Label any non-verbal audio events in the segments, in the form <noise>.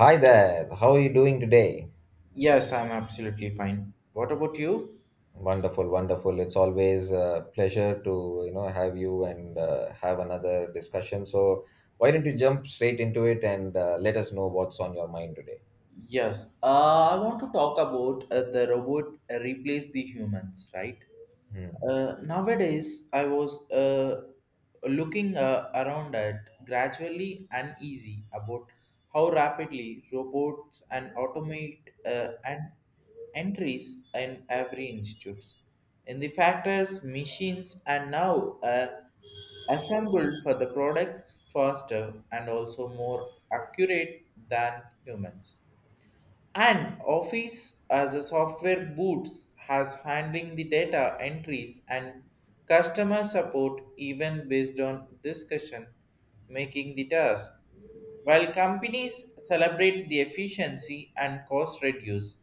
Hi there. How are you doing today? Yes, I'm absolutely fine. What about you? Wonderful, wonderful. It's always a pleasure to, have you and have another discussion. So, why don't you jump straight into it and let us know what's on your mind today? Yes, I want to talk about the robot replace the humans, right? Hmm. Nowadays, I was looking around at gradually uneasy about how rapidly robots and automate and entries in every institutes. In the factors, machines are now assembled for the product faster and also more accurate than humans. An office as a software boots has handling the data entries and customer support even based on discussion, making the task. While companies celebrate the efficiency and cost reduce,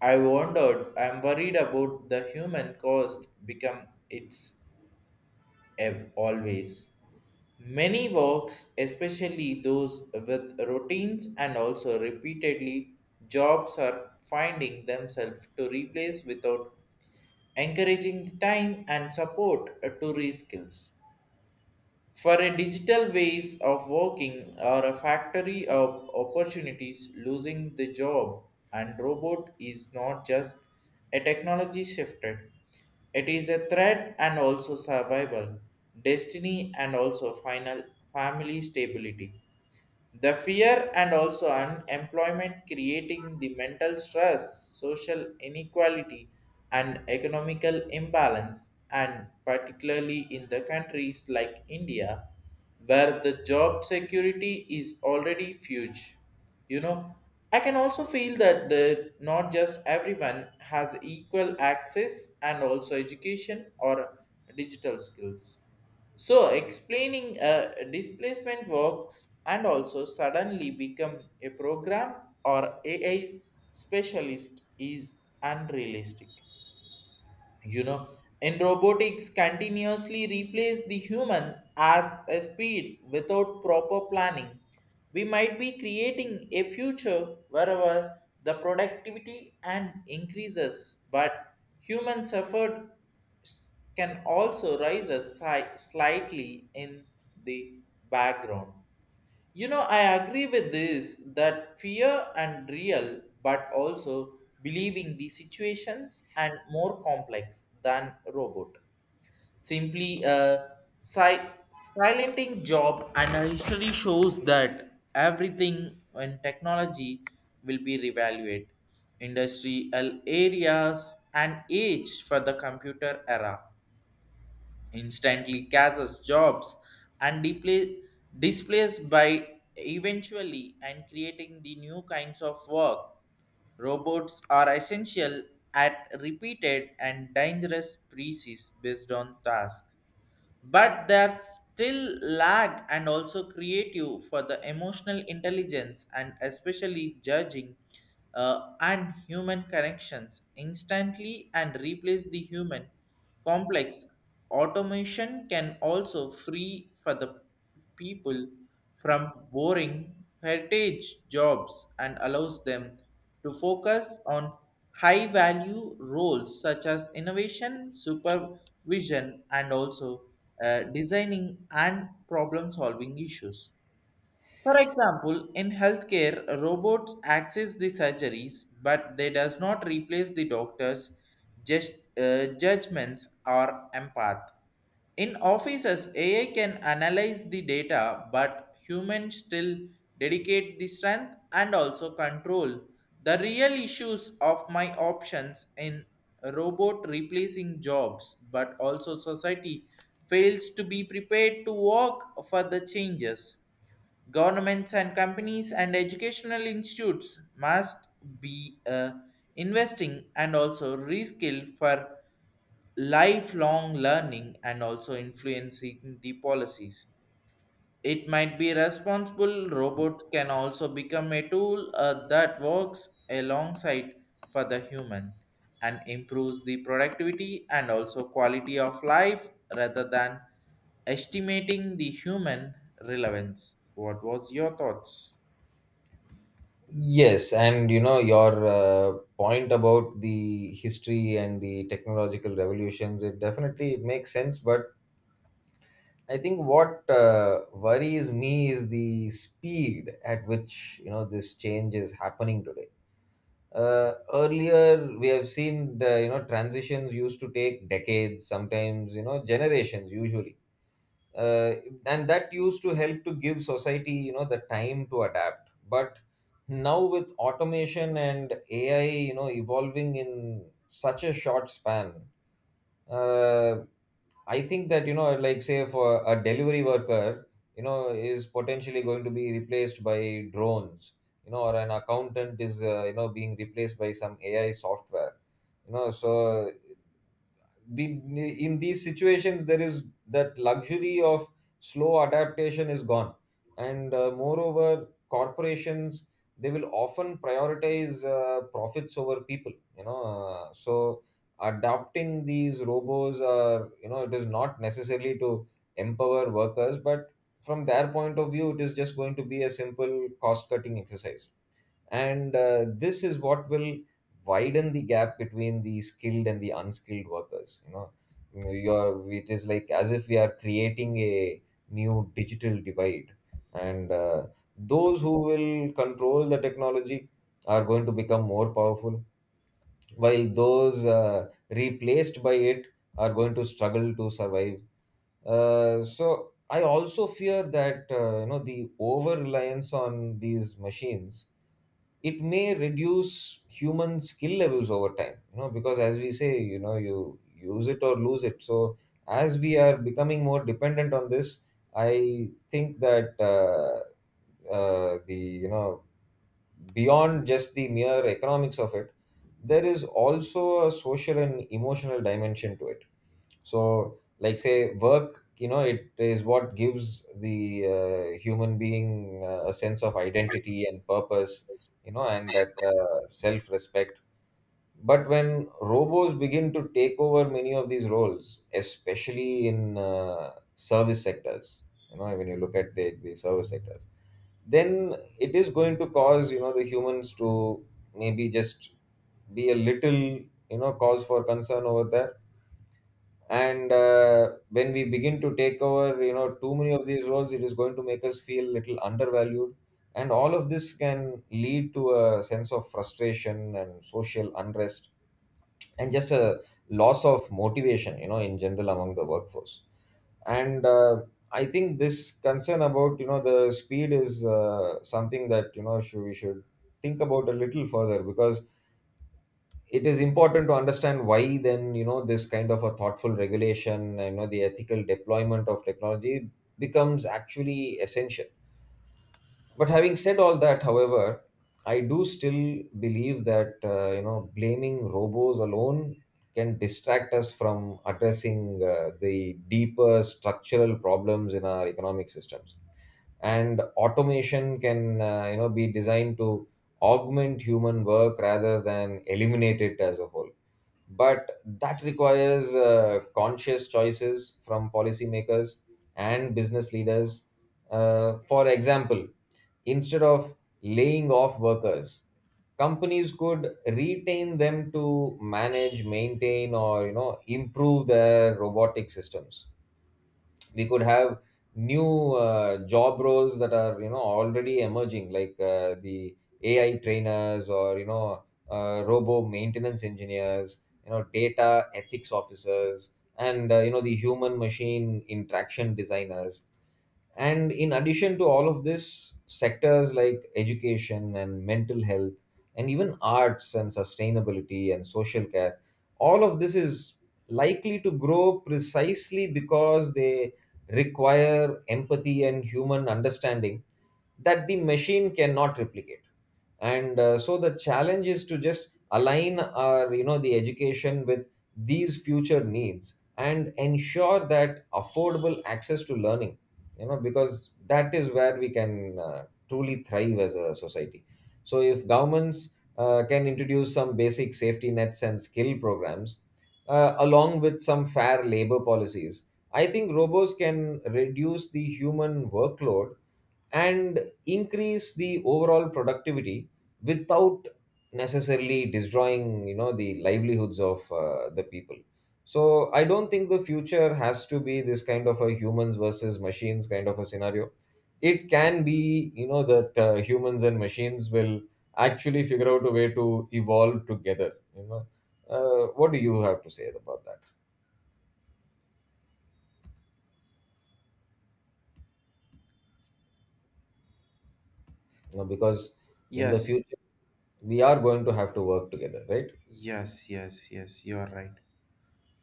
I wondered, I'm worried about the human cost become its always. Many works, especially those with routines and also repeatedly jobs, are finding themselves to replace without encouraging the time and support to reskills. For a digital ways of working or a factory of opportunities losing the job and robot is not just a technology shifted. It is a threat and also survival, destiny and also final family stability. The fear and also unemployment creating the mental stress, social inequality, and economical imbalance, and particularly in the countries like India, where the job security is already huge. You know, I can also feel that the not just everyone has equal access and also education or digital skills so explaining displacement works and also suddenly become a program or AI specialist is unrealistic, you know, in robotics continuously replace the human as a speed without proper planning we might be creating a future wherever the productivity and increases but human suffered s- can also rise a slightly in the background. You know, I agree with this that fear and real, but also believing the situations and more complex than robot. Simply a silenting job, and a history shows that everything in technology will be reevaluated. Industrial areas and age for the computer era instantly catches jobs and displaced by eventually and creating the new kinds of work. Robots are essential at repeated and dangerous species based on task, but there's still lag and also creative for the emotional intelligence and especially judging and human connections instantly and replace the human complex. Automation can also free for the people from boring heritage jobs and allows them to focus on high value roles such as innovation, supervision, and also designing and problem solving issues. For example, in healthcare, robots access the surgeries, but they does not replace the doctors' just, judgments or empath. In offices, AI can analyze the data, but humans still dedicate the strength and also control. The real issues of my options in robot replacing jobs, but also society fails to be prepared to work for the changes. Governments and companies and educational institutes must be investing and also reskill for lifelong learning and also influencing the policies it might be responsible. Robots can also become a tool that works alongside for the human and improves the productivity and also quality of life rather than estimating the human relevance. What was your thoughts? Yes, and your point about the history and the technological revolutions, it definitely it makes sense, but I think what worries me is the speed at which, this change is happening today. Earlier we have seen the transitions used to take decades, sometimes generations usually. uh, and that used to help to give society the time to adapt, but now with automation and AI evolving in such a short span. uh, I think that, like say for a delivery worker, is potentially going to be replaced by drones, or an accountant is, being replaced by some AI software, so we, in these situations there is that luxury of slow adaptation is gone. And moreover corporations, they will often prioritize profits over people, so adopting these robos, are it is not necessarily to empower workers, but from their point of view it is just going to be a simple cost cutting exercise. And this is what will widen the gap between the skilled and the unskilled workers, it is like as if we are creating a new digital divide. And those who will control the technology are going to become more powerful, while those replaced by it are going to struggle to survive. So I also fear that the over reliance on these machines, it may reduce human skill levels over time, because as we say, you use it or lose it. So as we are becoming more dependent on this, I think that the you know beyond just the mere economics of it there is also a social and emotional dimension to it. So like say work, it is what gives the human being a sense of identity and purpose, and that self respect. But when robos begin to take over many of these roles, especially in service sectors, when you look at the service sectors, then it is going to cause the humans to maybe just be a little, cause for concern over there. And when we begin to take over too many of these roles, it is going to make us feel little undervalued. And all of this can lead to a sense of frustration and social unrest, and just a loss of motivation, in general among the workforce. And I think this concern about the speed is something that we should think about a little further, because it is important to understand why then, this kind of a thoughtful regulation, the ethical deployment of technology becomes actually essential. But having said all that, however, I do still believe that blaming robos alone can distract us from addressing the deeper structural problems in our economic systems. And automation can be designed to augment human work rather than eliminate it as a whole, but that requires conscious choices from policymakers and business leaders. For example, instead of laying off workers, companies could retain them to manage, maintain, or improve their robotic systems. We could have new job roles that are already emerging, like the AI trainers, or robo maintenance engineers, data ethics officers, and the human machine interaction designers. And in addition to all of this, sectors like education and mental health, and even arts and sustainability and social care, all of this is likely to grow precisely because they require empathy and human understanding that the machine cannot replicate. And so the challenge is to just align our, the education with these future needs and ensure that affordable access to learning, because that is where we can truly thrive as a society. So if governments can introduce some basic safety nets and skill programs, along with some fair labor policies, I think robots can reduce the human workload and increase the overall productivity without necessarily destroying, the livelihoods of the people. So I don't think the future has to be this kind of a humans versus machines kind of a scenario. It can be that humans and machines will actually figure out a way to evolve together, what do you have to say about that, because in the Yes, future we are going to have to work together, right? yes, yes, yes, you are right.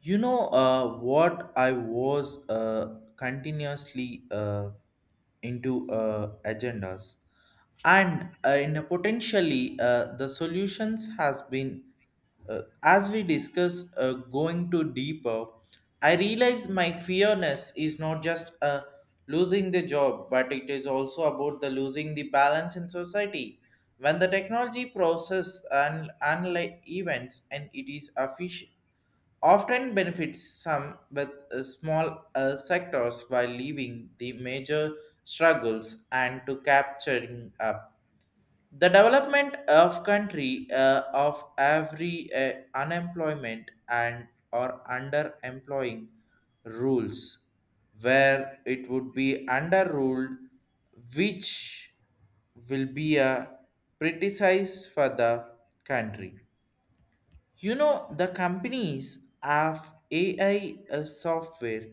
You know, what I was continuously into agendas, and in a potentially the solutions has been as we discuss going to deeper. I realize my fearness is not just losing the job, but it is also about the losing the balance in society. When the technology process and analyze events and it is efficient often benefits some with small sectors while leaving the major struggles and to capturing up. The development of country of every unemployment and or underemploying rules where it would be underruled which will be a criticize for the country. You know, the companies have AI software,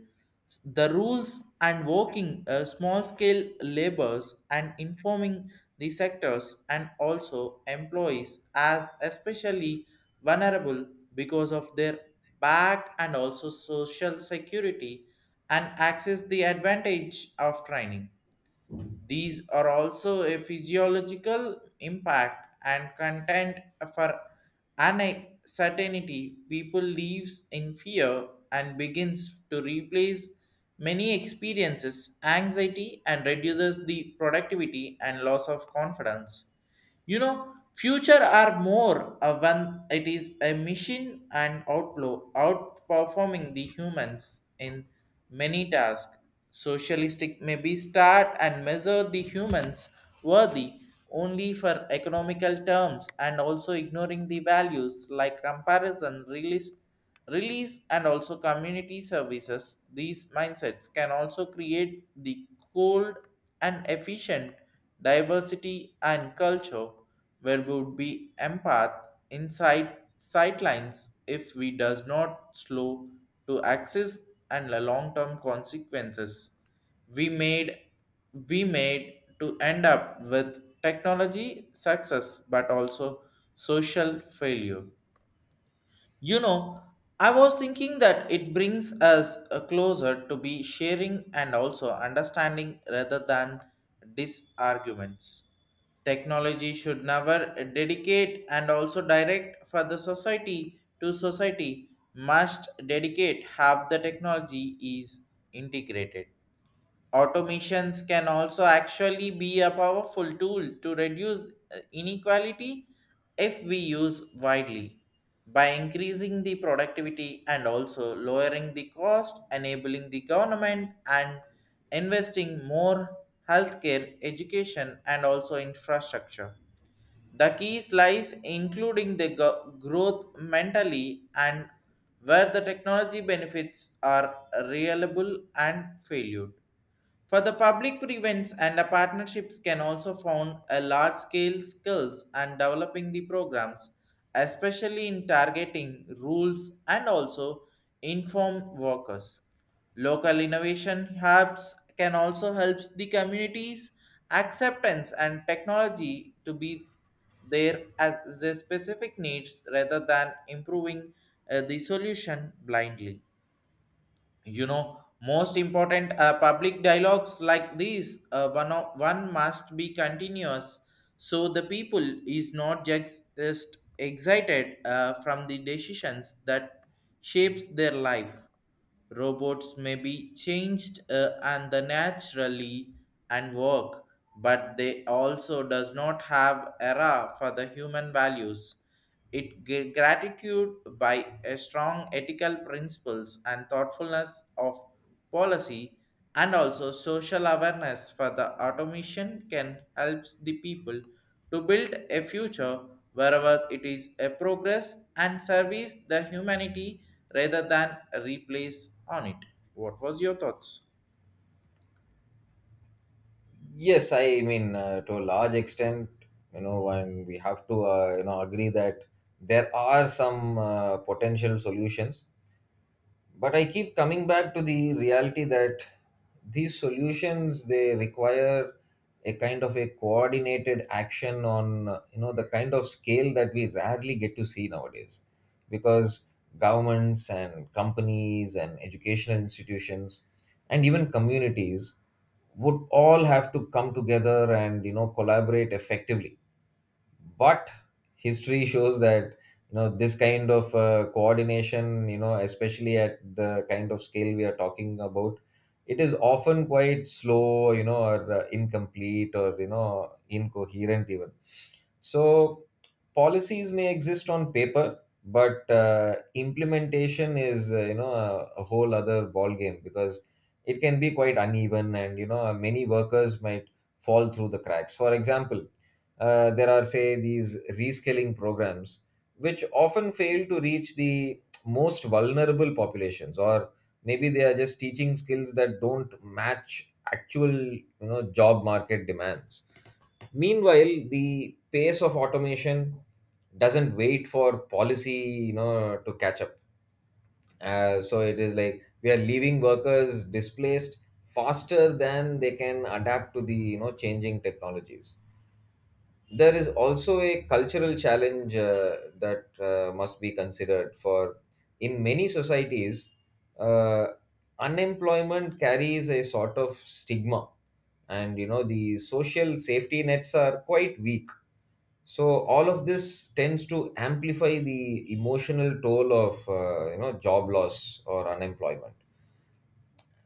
the rules and working small scale labors and informing the sectors and also employees as especially vulnerable because of their back and also social security and access the advantage of training. These are also a physiological impact and content for uncertainty. People lives in fear and begins to replace many experiences, anxiety, and reduces the productivity and loss of confidence. You know, future are more when it is a machine and outlaw outperforming the humans in many tasks. Socialistic may be start and measure the humans worthy only for economical terms and also ignoring the values like comparison, realis release and also community services. These mindsets can also create the cold and efficient diversity and culture where we would be empath inside sightlines if we does not slow to access and the long-term consequences we made we made to end up with technology success but also social failure. You know, I was thinking that it brings us closer to be sharing and also understanding rather than disarguments. Technology should never dedicate and also direct for the society to society must dedicate have the technology is integrated. Automations can also actually be a powerful tool to reduce inequality if we use widely by increasing the productivity and also lowering the cost enabling the government and investing more healthcare education and also infrastructure. The keys lies including the growth mentally and where the technology benefits are reliable and valued for the public events and the partnerships can also found a large scale skills and developing the programs, especially in targeting rules and also inform workers. Local innovation hubs can also help the communities acceptance and technology to be there as the specific needs rather than improving the solution blindly. You know, most important public dialogues like these one must be continuous so the people is not just excited from the decisions that shapes their life. Robots may be changed and the naturally and work but they also does not have era for the human values. It gratitude by a strong ethical principles and thoughtfulness of policy and also social awareness for the automation can helps the people to build a future wherever it is a progress and service the humanity rather than replace on it. What was your thoughts? Yes, I mean, to a large extent, and we have to, agree that there are some potential solutions. But I keep coming back to the reality that these solutions, they require a kind of a coordinated action on, the kind of scale that we rarely get to see nowadays, because governments and companies and educational institutions and even communities would all have to come together and collaborate effectively. But history shows that, this kind of coordination, especially at the kind of scale we are talking about, it is often quite slow, or incomplete, or incoherent even. So policies may exist on paper, but implementation is a whole other ball game, because it can be quite uneven, and many workers might fall through the cracks. For example, there are, say, these reskilling programs, which often fail to reach the most vulnerable populations, or maybe they are just teaching skills that don't match actual, job market demands. Meanwhile, the pace of automation doesn't wait for policy, to catch up. So it is like we are leaving workers displaced faster than they can adapt to the, changing technologies. There is also a cultural challenge that must be considered for. In many societies, uh, unemployment carries a sort of stigma, and the social safety nets are quite weak, so all of this tends to amplify the emotional toll of job loss or unemployment.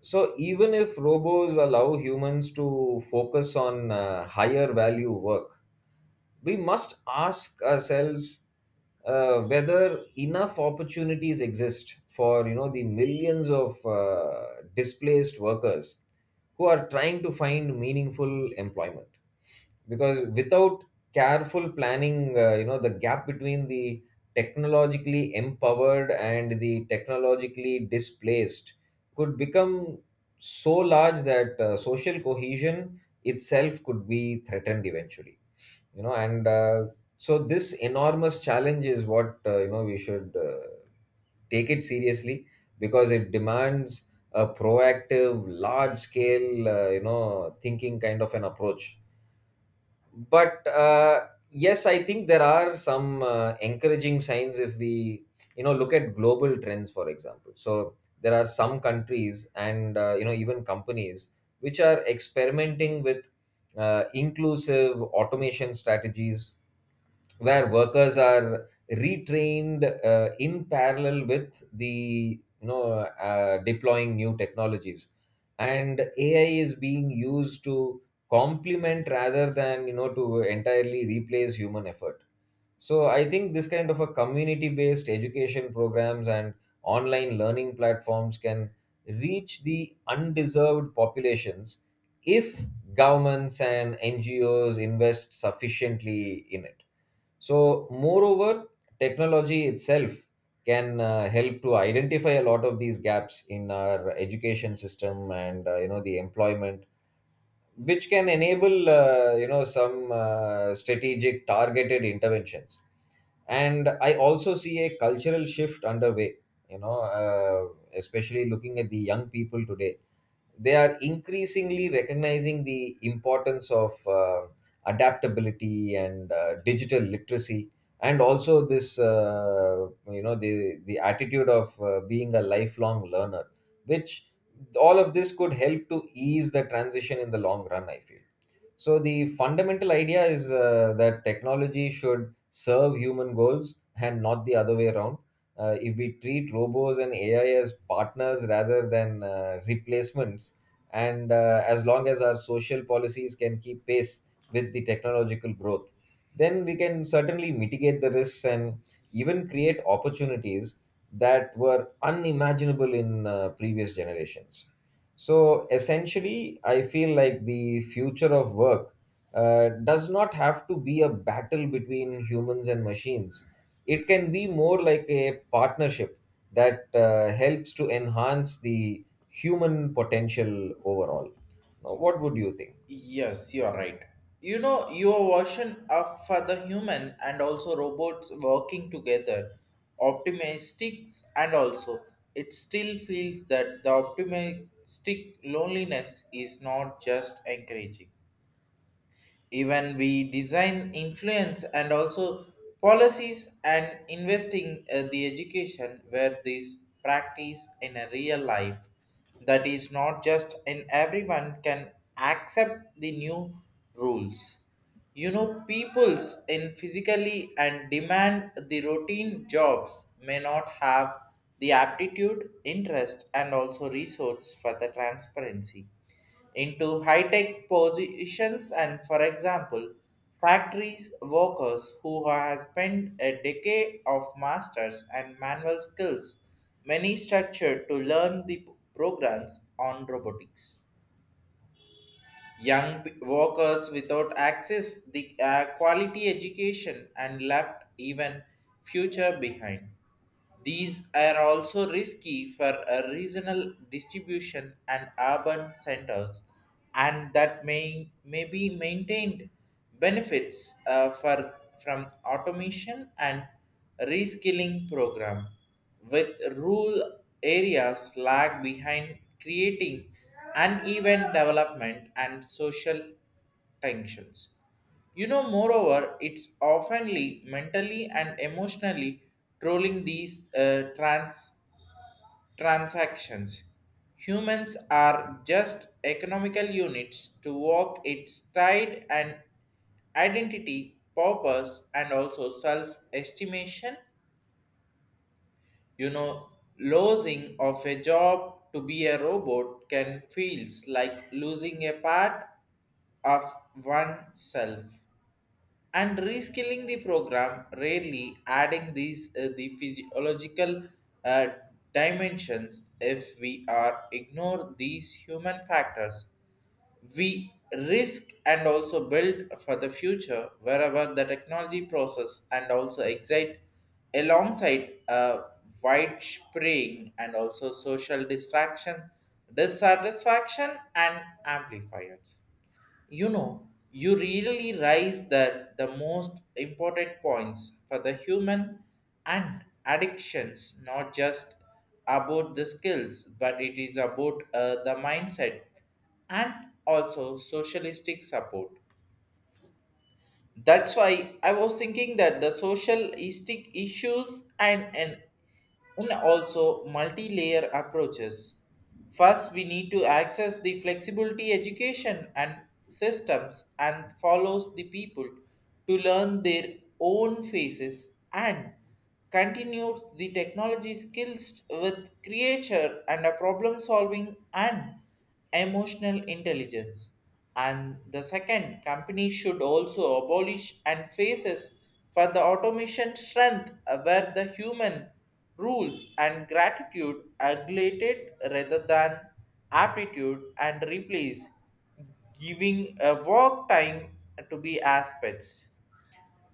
So even if robots allow humans to focus on higher value work, we must ask ourselves whether enough opportunities exist for, the millions of displaced workers who are trying to find meaningful employment. Because without careful planning, the gap between the technologically empowered and the technologically displaced could become so large that social cohesion itself could be threatened eventually. And so this enormous challenge is what, we should take it seriously, because it demands a proactive large scale, thinking kind of an approach. But yes, I think there are some encouraging signs if we look at global trends. For example, so there are some countries and even companies which are experimenting with inclusive automation strategies, where workers are retrained in parallel with the deploying new technologies, and AI is being used to complement rather than to entirely replace human effort. So I think this kind of a community based education programs and online learning platforms can reach the undeserved populations if governments and NGOs invest sufficiently in it. So, moreover, technology itself can help to identify a lot of these gaps in our education system and the employment, which can enable some strategic targeted interventions. And I also see a cultural shift underway, you know uh, especially looking at the young people today. They are increasingly recognizing the importance of adaptability and digital literacy, and also this, the attitude of being a lifelong learner, which, all of this could help to ease the transition in the long run, I feel. So the fundamental idea is that technology should serve human goals and not the other way around. If we treat robots and AI as partners rather than replacements, and as long as our social policies can keep pace with the technological growth, then we can certainly mitigate the risks and even create opportunities that were unimaginable in previous generations. So essentially, I feel like the future of work does not have to be a battle between humans and machines. It can be more like a partnership that helps to enhance the human potential overall. Now, what would you think? Yes, you are right. You know, your version of for the human and also robots working together, optimistics and also it still feels that the optimistic loneliness is not just encouraging even we design influence and also policies and investing the education where this practice in a real life that is not just in everyone can accept the new rules. You know, peoples in physically and demand the routine jobs may not have the aptitude interest and also resource for the transparency into high tech positions, and for example factories workers who have spent a decade of masters and manual skills many structured to learn the programs on robotics. Young workers without access the quality education and left even future behind. These are also risky for a regional distribution and urban centers, and that may be maintained benefits from automation and reskilling program, with rural areas lag behind creating uneven development and social tensions. You know, moreover, it's oftenly mentally and emotionally trolling these transactions. Humans are just economical units to walk its tide and identity, purpose, and also self-estimation. You know, losing of a job to be a robot can feels like losing a part of oneself. And reskilling the program rarely adding these the physiological uh, dimensions if we are ignore these human factors we risk and also build for the future wherever the technology process and also excite alongside a wide spraying and also social distraction dissatisfaction and amplifiers. You know, you really raise that the most important points for the human and addictions, not just about the skills, but it is about the mindset and also socialistic support. That's why I was thinking that the socialistic issues and also multi-layer approaches. First, we need to access the flexibility education and systems and follows the people to learn their own faces and continues the technology skills with creature and a problem solving and emotional intelligence. And the second, company should also abolish and faces for the automation strength where the human rules and gratitude aggregated rather than aptitude and replace giving a work time to be aspects.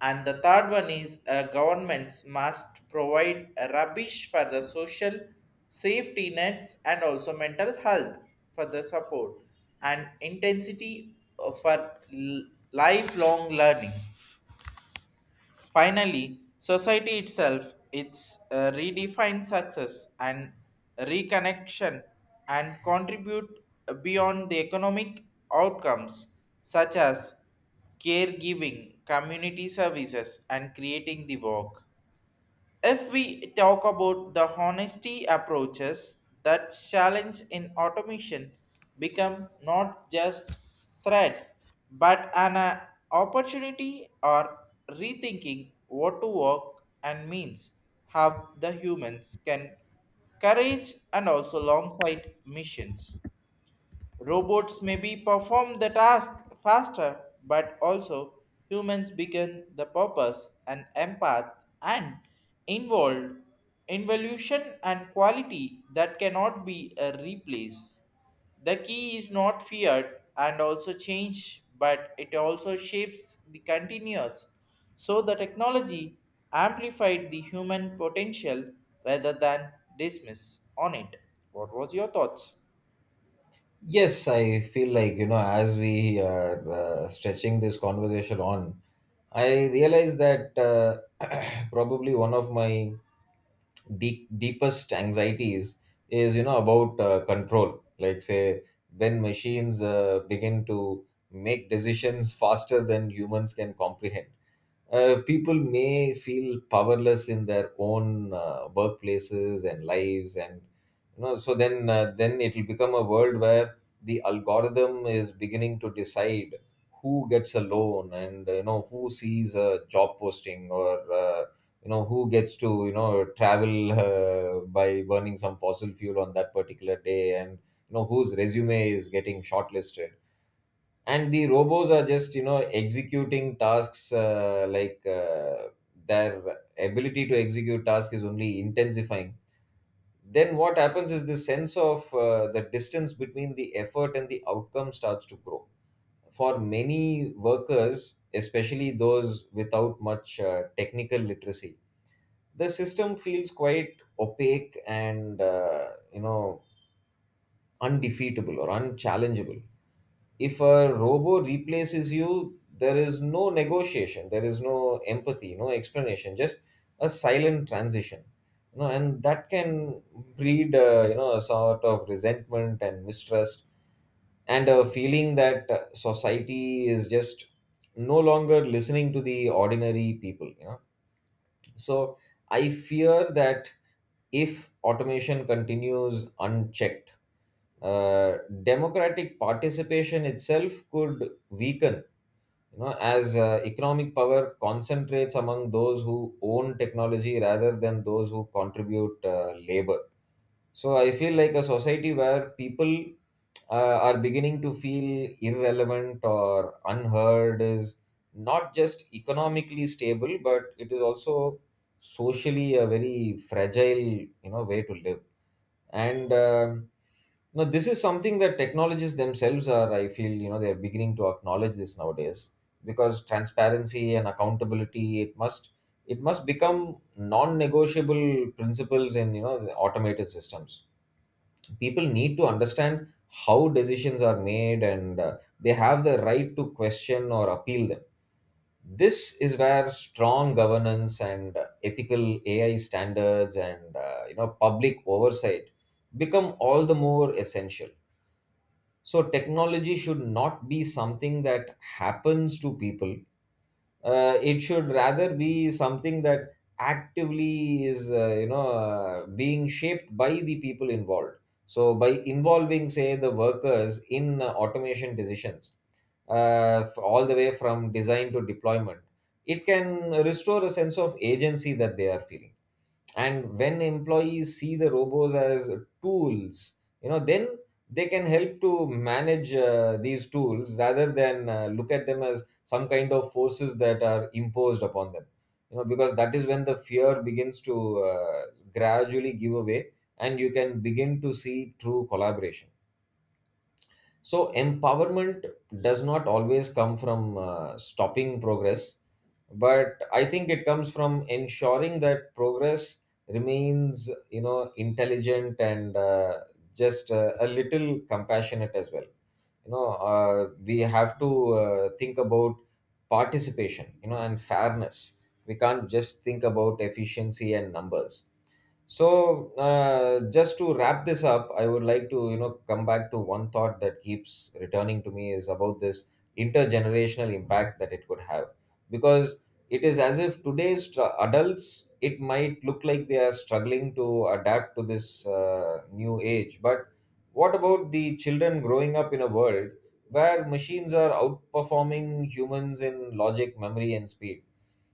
And the third one is governments must provide rubbish for the social safety nets and also mental health for the support and intensity lifelong learning. Finally, society itself it's redefine success and reconnection and contribute beyond the economic outcomes such as caregiving, community services, and creating the work. If we talk about the honesty approaches, that challenge in automation become not just threat but an opportunity or rethinking what to work and means have the humans can courage and also long sight missions. Robots maybe perform the task faster, but also humans begin the purpose and empath and involved involution and quality that cannot be replaced. The key is not feared and also change, but it also shapes the continuous. So the technology amplified the human potential rather than dismiss on it. What was your thoughts? Yes, I feel like, you know, as we are stretching this conversation on, I realize that <clears throat> probably one of my deepest anxieties is, you know, about control, like say when machines begin to make decisions faster than humans can comprehend. People may feel powerless in their own workplaces and lives, and you know, so then it will become a world where the algorithm is beginning to decide who gets a loan, and you know, who sees a job posting, or you know, who gets to, you know, travel <laughs> by burning some fossil fuel on that particular day, and you know, whose resume is getting shortlisted, and the robots are just, you know, executing tasks, like their ability to execute tasks is only intensifying. Then what happens is the sense of the distance between the effort and the outcome starts to grow. For many workers, especially those without much technical literacy, the system feels quite opaque and, you know, undefeatable or unchallengeable. If a robo replaces you, there is no negotiation, there is no empathy, no explanation, just a silent transition. You know, and that can breed, you know, a sort of resentment and mistrust, and a feeling that society is just no longer listening to the ordinary people, you know. So I fear that if automation continues unchecked, uh, democratic participation itself could weaken, you know, as economic power concentrates among those who own technology rather than those who contribute labor. So I feel like a society where people are beginning to feel irrelevant or unheard is not just economically stable, but it is also socially a very fragile, you know, way to live. And you know, this is something that technologies themselves are, I feel, you know, they're beginning to acknowledge this nowadays, because transparency and accountability, it must become non-negotiable principles in, you know, the automated systems. People need to understand how decisions are made, and they have the right to question or appeal them. This is where strong governance and ethical AI standards and, you know, public oversight become all the more essential. So technology should not be something that happens to people. It should rather be something that actively is, being shaped by the people involved. So by involving, say, the workers in automation decisions, all the way from design to deployment, it can restore a sense of agency that they are feeling. And when employees see the robots as tools, you know, then they can help to manage these tools rather than look at them as some kind of forces that are imposed upon them. You know, because that is when the fear begins to uh, gradually give away, and you can begin to see true collaboration. So empowerment does not always come from stopping progress, but I think it comes from ensuring that progress remains, you know, intelligent and, just a little compassionate as well. We have to think about participation, you know, and fairness. We can't just think about efficiency and numbers. So, just to wrap this up, I would like to, you know, come back to one thought that keeps returning to me, is about this intergenerational impact that it could have. Because it is as if today's adults, it might look like they are struggling to adapt to this new age. But what about the children growing up in a world where machines are outperforming humans in logic, memory, and speed?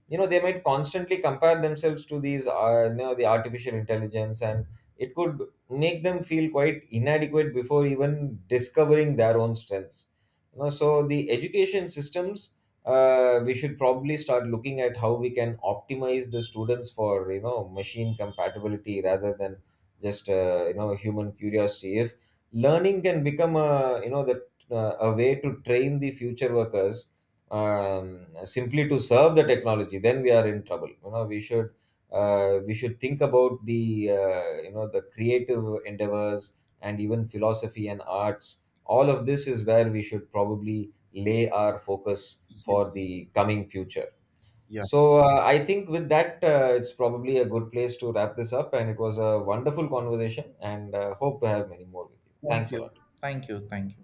You know, they might constantly compare themselves to these, you know, the artificial intelligence, and it could make them feel quite inadequate before even discovering their own strengths. You know, so the education systems, we should probably start looking at how we can optimize the students for, you know, machine compatibility rather than just, you know, human curiosity. If learning can become a, you know the a way to train the future workers, simply to serve the technology, then we are in trouble. You know, we should we should think about the, creative endeavors and even philosophy and arts. All of this is where we should probably lay our focus for Yes. the coming future. Yeah. So I think with that, it's probably a good place to wrap this up. And it was a wonderful conversation, and hope to have many more with you. Thank Thanks a you. lot. Thank you. Thank you.